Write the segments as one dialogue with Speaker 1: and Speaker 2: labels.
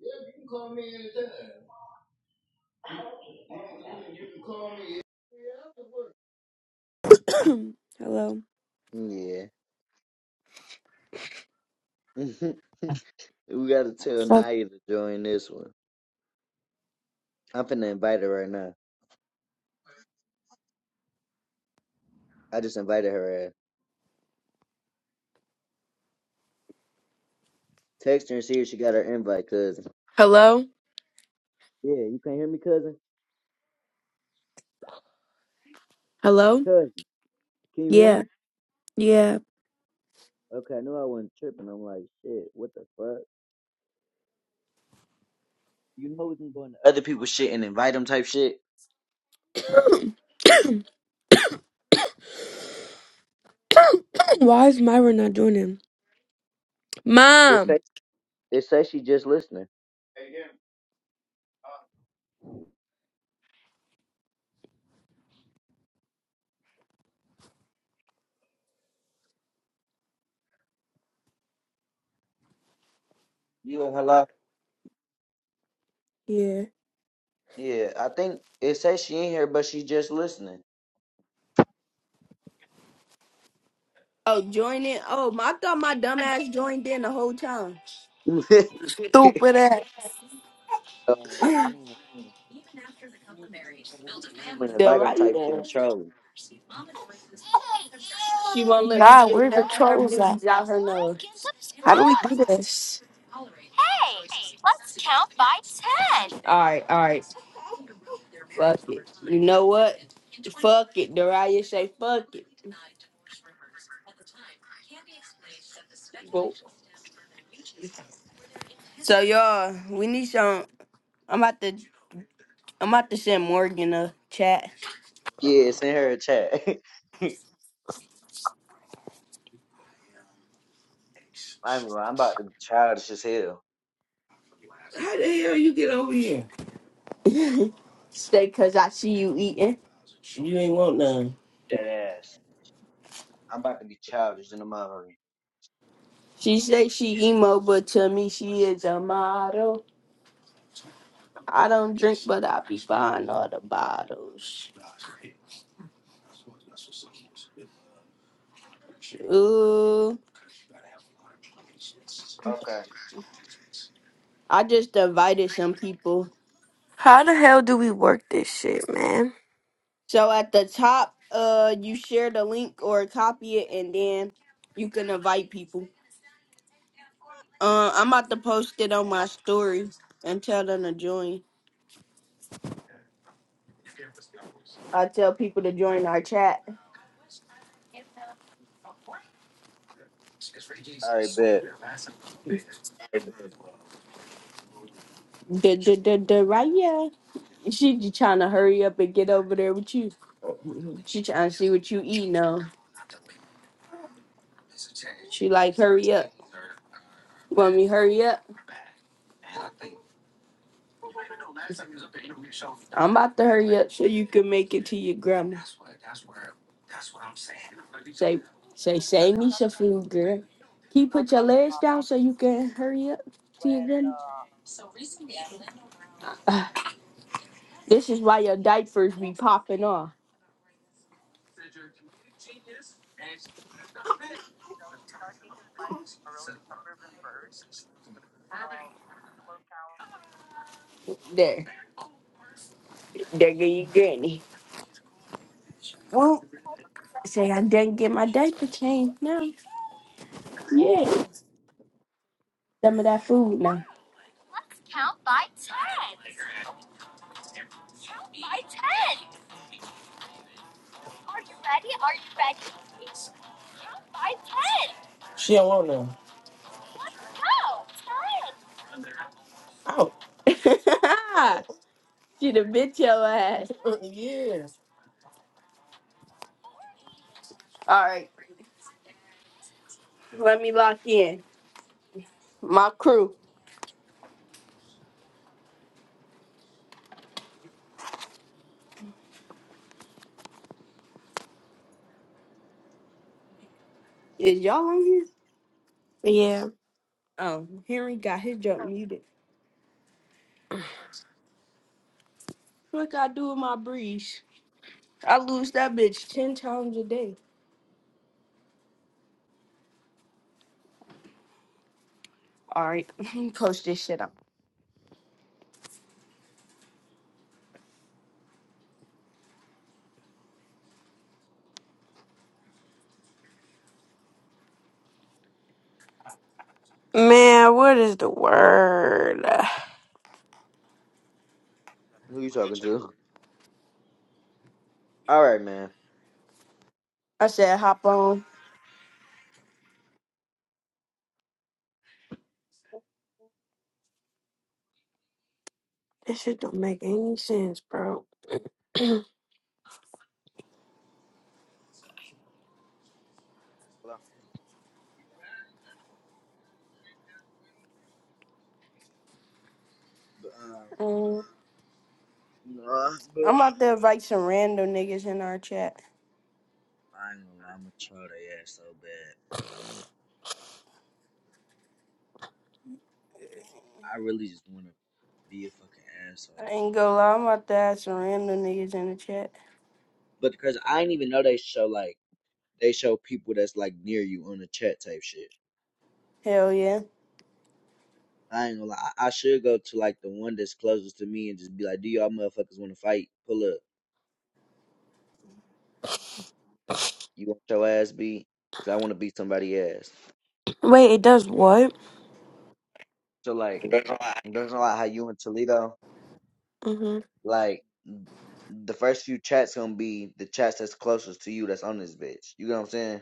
Speaker 1: Yeah, you can call me anytime. You, you can call me.
Speaker 2: Hello.
Speaker 1: Yeah. we gotta tell
Speaker 2: Oh,
Speaker 1: Naya to join this one. I'm finna invite her right now. I just invited her ass. Text her and see if she got her invite, cousin.
Speaker 2: Hello.
Speaker 1: Yeah, you can't hear me, cousin?
Speaker 2: Hello.
Speaker 1: Cousin, can you hear
Speaker 2: Yeah.
Speaker 1: me?
Speaker 2: Yeah.
Speaker 1: Okay, I knew I wasn't tripping. I'm like, shit, what the fuck? You know we can go into other people's shit and invite them type shit.
Speaker 2: Why is Myra not joining?
Speaker 1: It
Speaker 2: Mom.
Speaker 1: say, it say she just listening. Hey, yeah. Uh, You and hello?
Speaker 2: Yeah.
Speaker 1: Yeah, I think it says she in here, but she just listening.
Speaker 3: Oh, join in. Oh, my, I thought my dumb ass joined in the whole time.
Speaker 2: Stupid ass.
Speaker 1: Um, man, you need to go to other people's room and
Speaker 3: The
Speaker 1: invite them
Speaker 3: right
Speaker 1: type
Speaker 3: there.
Speaker 1: thing, Charlie.
Speaker 3: She won't let me
Speaker 2: God,
Speaker 3: get
Speaker 2: where the
Speaker 3: none of her
Speaker 2: trolls at?
Speaker 3: boobies out her nose.
Speaker 2: How do we do this?
Speaker 3: All right, all right. Fuck it. You know what? Fuck it. Daria say fuck it. Well, So y'all, we need some. I'm about to I'm about to send Morgan a chat.
Speaker 1: Yeah, send her a chat. I'm, I'm about to be childish as hell.
Speaker 3: How the hell you get over here? Stay, cause I see you eating. You ain't want none.
Speaker 1: Dead ass. I'm about to be childish in the mother.
Speaker 3: She say she emo, but to me she is a model. I don't drink, but I be buying all the bottles. Ooh,
Speaker 1: Okay.
Speaker 3: I just invited some people.
Speaker 2: How the hell do we work this shit, man?
Speaker 3: So at the top, uh, you share the link or copy it, and then you can invite people. Uh, I'm about to post it on my story and tell them to join. I tell people to join our chat.
Speaker 1: All right, bet.
Speaker 3: The the the Raya. She just trying to hurry up and get over there with you. She trying to see what you eat now. She like hurry up. Want me to hurry up? I'm about to hurry up so you can make it to your grandma. Say say save me some food, girl. Can you put your legs down so you can hurry up to your grandma? This is why your diapers be popping off. There. There go your granny. Won't say I didn't get my diaper changed. now. Yeah. Some of that food now. She don't want none. Oh. she the bitch your ass. yes. All right. Let me lock in. My crew. Is y'all on here?
Speaker 2: Yeah.
Speaker 3: Oh, Henry got his jump muted. What I do with my breeze? I lose that bitch ten times a day. All right, post this shit up.
Speaker 2: Man, what is the word?
Speaker 1: Who you talking to? All right, man.
Speaker 3: I said hop on.
Speaker 2: This shit don't make any sense, bro.
Speaker 1: Hello. But, um,
Speaker 3: Mm.
Speaker 1: nah, but
Speaker 3: I'm about to invite some random niggas in our chat.
Speaker 1: I ain't gonna lie, I'm gonna try their ass so bad. I really just wanna be a fucking asshole.
Speaker 3: I ain't gonna lie, I'm about to add some random niggas in the chat.
Speaker 1: But because I didn't even know they show like they show people that's like near you on the chat type shit.
Speaker 3: Hell yeah.
Speaker 1: I ain't gonna lie. I, I should go to like the one that's closest to me and just be like, "Do y'all motherfuckers want to fight? Pull up. You want your ass beat? Cause I want to beat somebody ass."
Speaker 2: Wait, it does what?
Speaker 1: So like, there's a lot how you in Toledo.
Speaker 2: Mhm.
Speaker 1: Like, the first few chats gonna be the chats that's closest to you that's on this bitch. You know what I'm saying?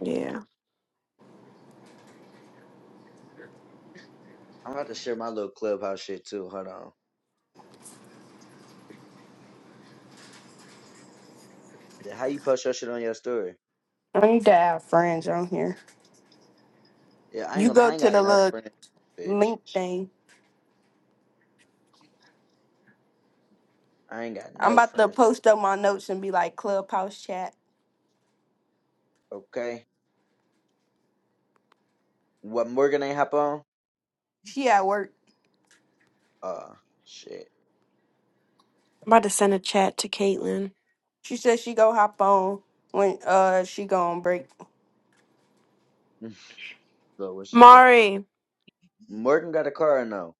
Speaker 2: Yeah.
Speaker 1: I'm about to share my little clubhouse shit too. Hold on. Then How you post your shit on your story?
Speaker 3: I need to have friends on here.
Speaker 1: Yeah, I ain't
Speaker 3: You
Speaker 1: gonna. lie,
Speaker 3: go
Speaker 1: I ain't
Speaker 3: to
Speaker 1: got
Speaker 3: the
Speaker 1: no
Speaker 3: little
Speaker 1: friends, bitch.
Speaker 3: link thing.
Speaker 1: I ain't got
Speaker 3: I'm
Speaker 1: no
Speaker 3: about to
Speaker 1: friends.
Speaker 3: post up my notes and be like clubhouse chat.
Speaker 1: Okay. What Morgan ain't hop on?
Speaker 3: She at work.
Speaker 1: Uh, shit.
Speaker 2: I'm about to send a chat to Caitlin.
Speaker 3: She said she go hop on when uh she go on break.
Speaker 1: So where she go?
Speaker 2: Mari.
Speaker 1: Morgan got a car now.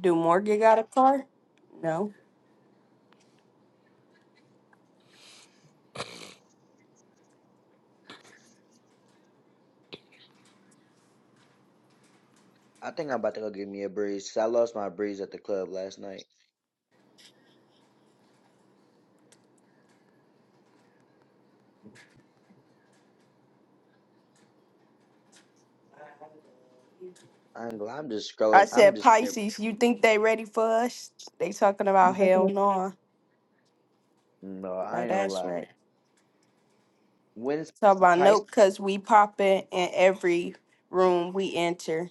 Speaker 3: Do Morgan got a car? No.
Speaker 1: I think I'm about to go get me a breeze. I lost my breeze at the club last night. I ain't gonna lie, I'm just
Speaker 3: I
Speaker 1: scrolling. I'm
Speaker 3: said,
Speaker 1: just there.
Speaker 3: Pisces, you think they ready for us? They talking about hell no.
Speaker 1: No, I
Speaker 3: No,
Speaker 1: ain't gonna
Speaker 3: that's
Speaker 1: lie.
Speaker 3: right.
Speaker 1: When's
Speaker 3: Talk about
Speaker 1: Pisces?
Speaker 3: nope, because we popping in every room we enter.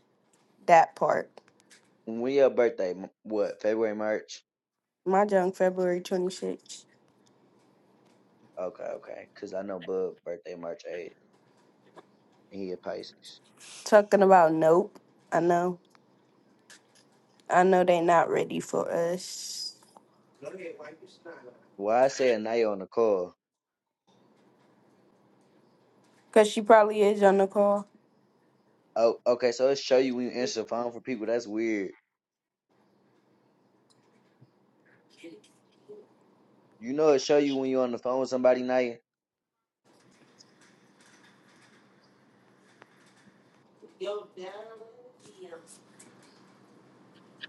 Speaker 3: That part.
Speaker 1: When your birthday? M- What? February, March?
Speaker 3: My junk, February 26th.
Speaker 1: Okay, okay. Cause I know Bub birthday March 8th, and he a Pisces.
Speaker 3: Talking about nope. I know. I know they not ready for us.
Speaker 1: Why I say a night on the call?
Speaker 3: Because she probably is on the call.
Speaker 1: Oh, okay. So it show you when you answer the phone for people. That's weird. You know it show you when you on the phone with somebody. Night.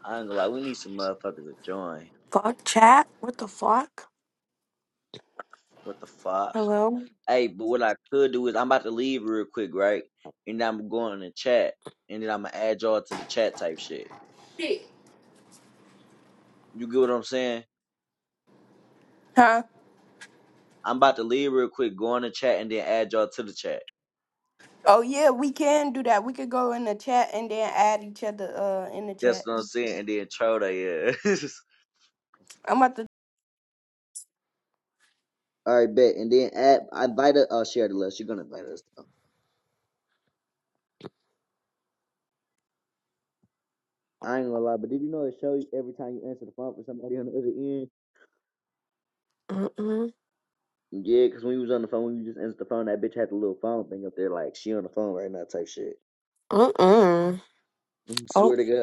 Speaker 1: I ain't gonna lie. We need some motherfuckers to join.
Speaker 2: Fuck chat. What the fuck?
Speaker 1: What the fuck?
Speaker 2: Hello.
Speaker 1: Hey, but what I could do is I'm about to leave real quick, right? And I'm going to chat, and then I'm gonna add y'all to the chat type shit. You get what I'm saying?
Speaker 3: Huh?
Speaker 1: I'm about to leave real quick, go on the chat, and then add y'all to the chat.
Speaker 3: Oh, yeah, we can do that. We could go in the chat and then add each other uh in the
Speaker 1: That's
Speaker 3: chat.
Speaker 1: what I'm saying, and then troll they ass.
Speaker 3: I'm about to
Speaker 1: All right, bet. And then add, I invite us. Oh, share the list. You're gonna invite us. Though. I ain't gonna lie, but did you know it show you every time you answer the phone for somebody on the other end?
Speaker 2: Mm mm.
Speaker 1: yeah, because when you was on the phone, when you just answered the phone, that bitch had the little phone thing up there, like she on the phone right now, type shit.
Speaker 2: Mm mm.
Speaker 1: Swear to God.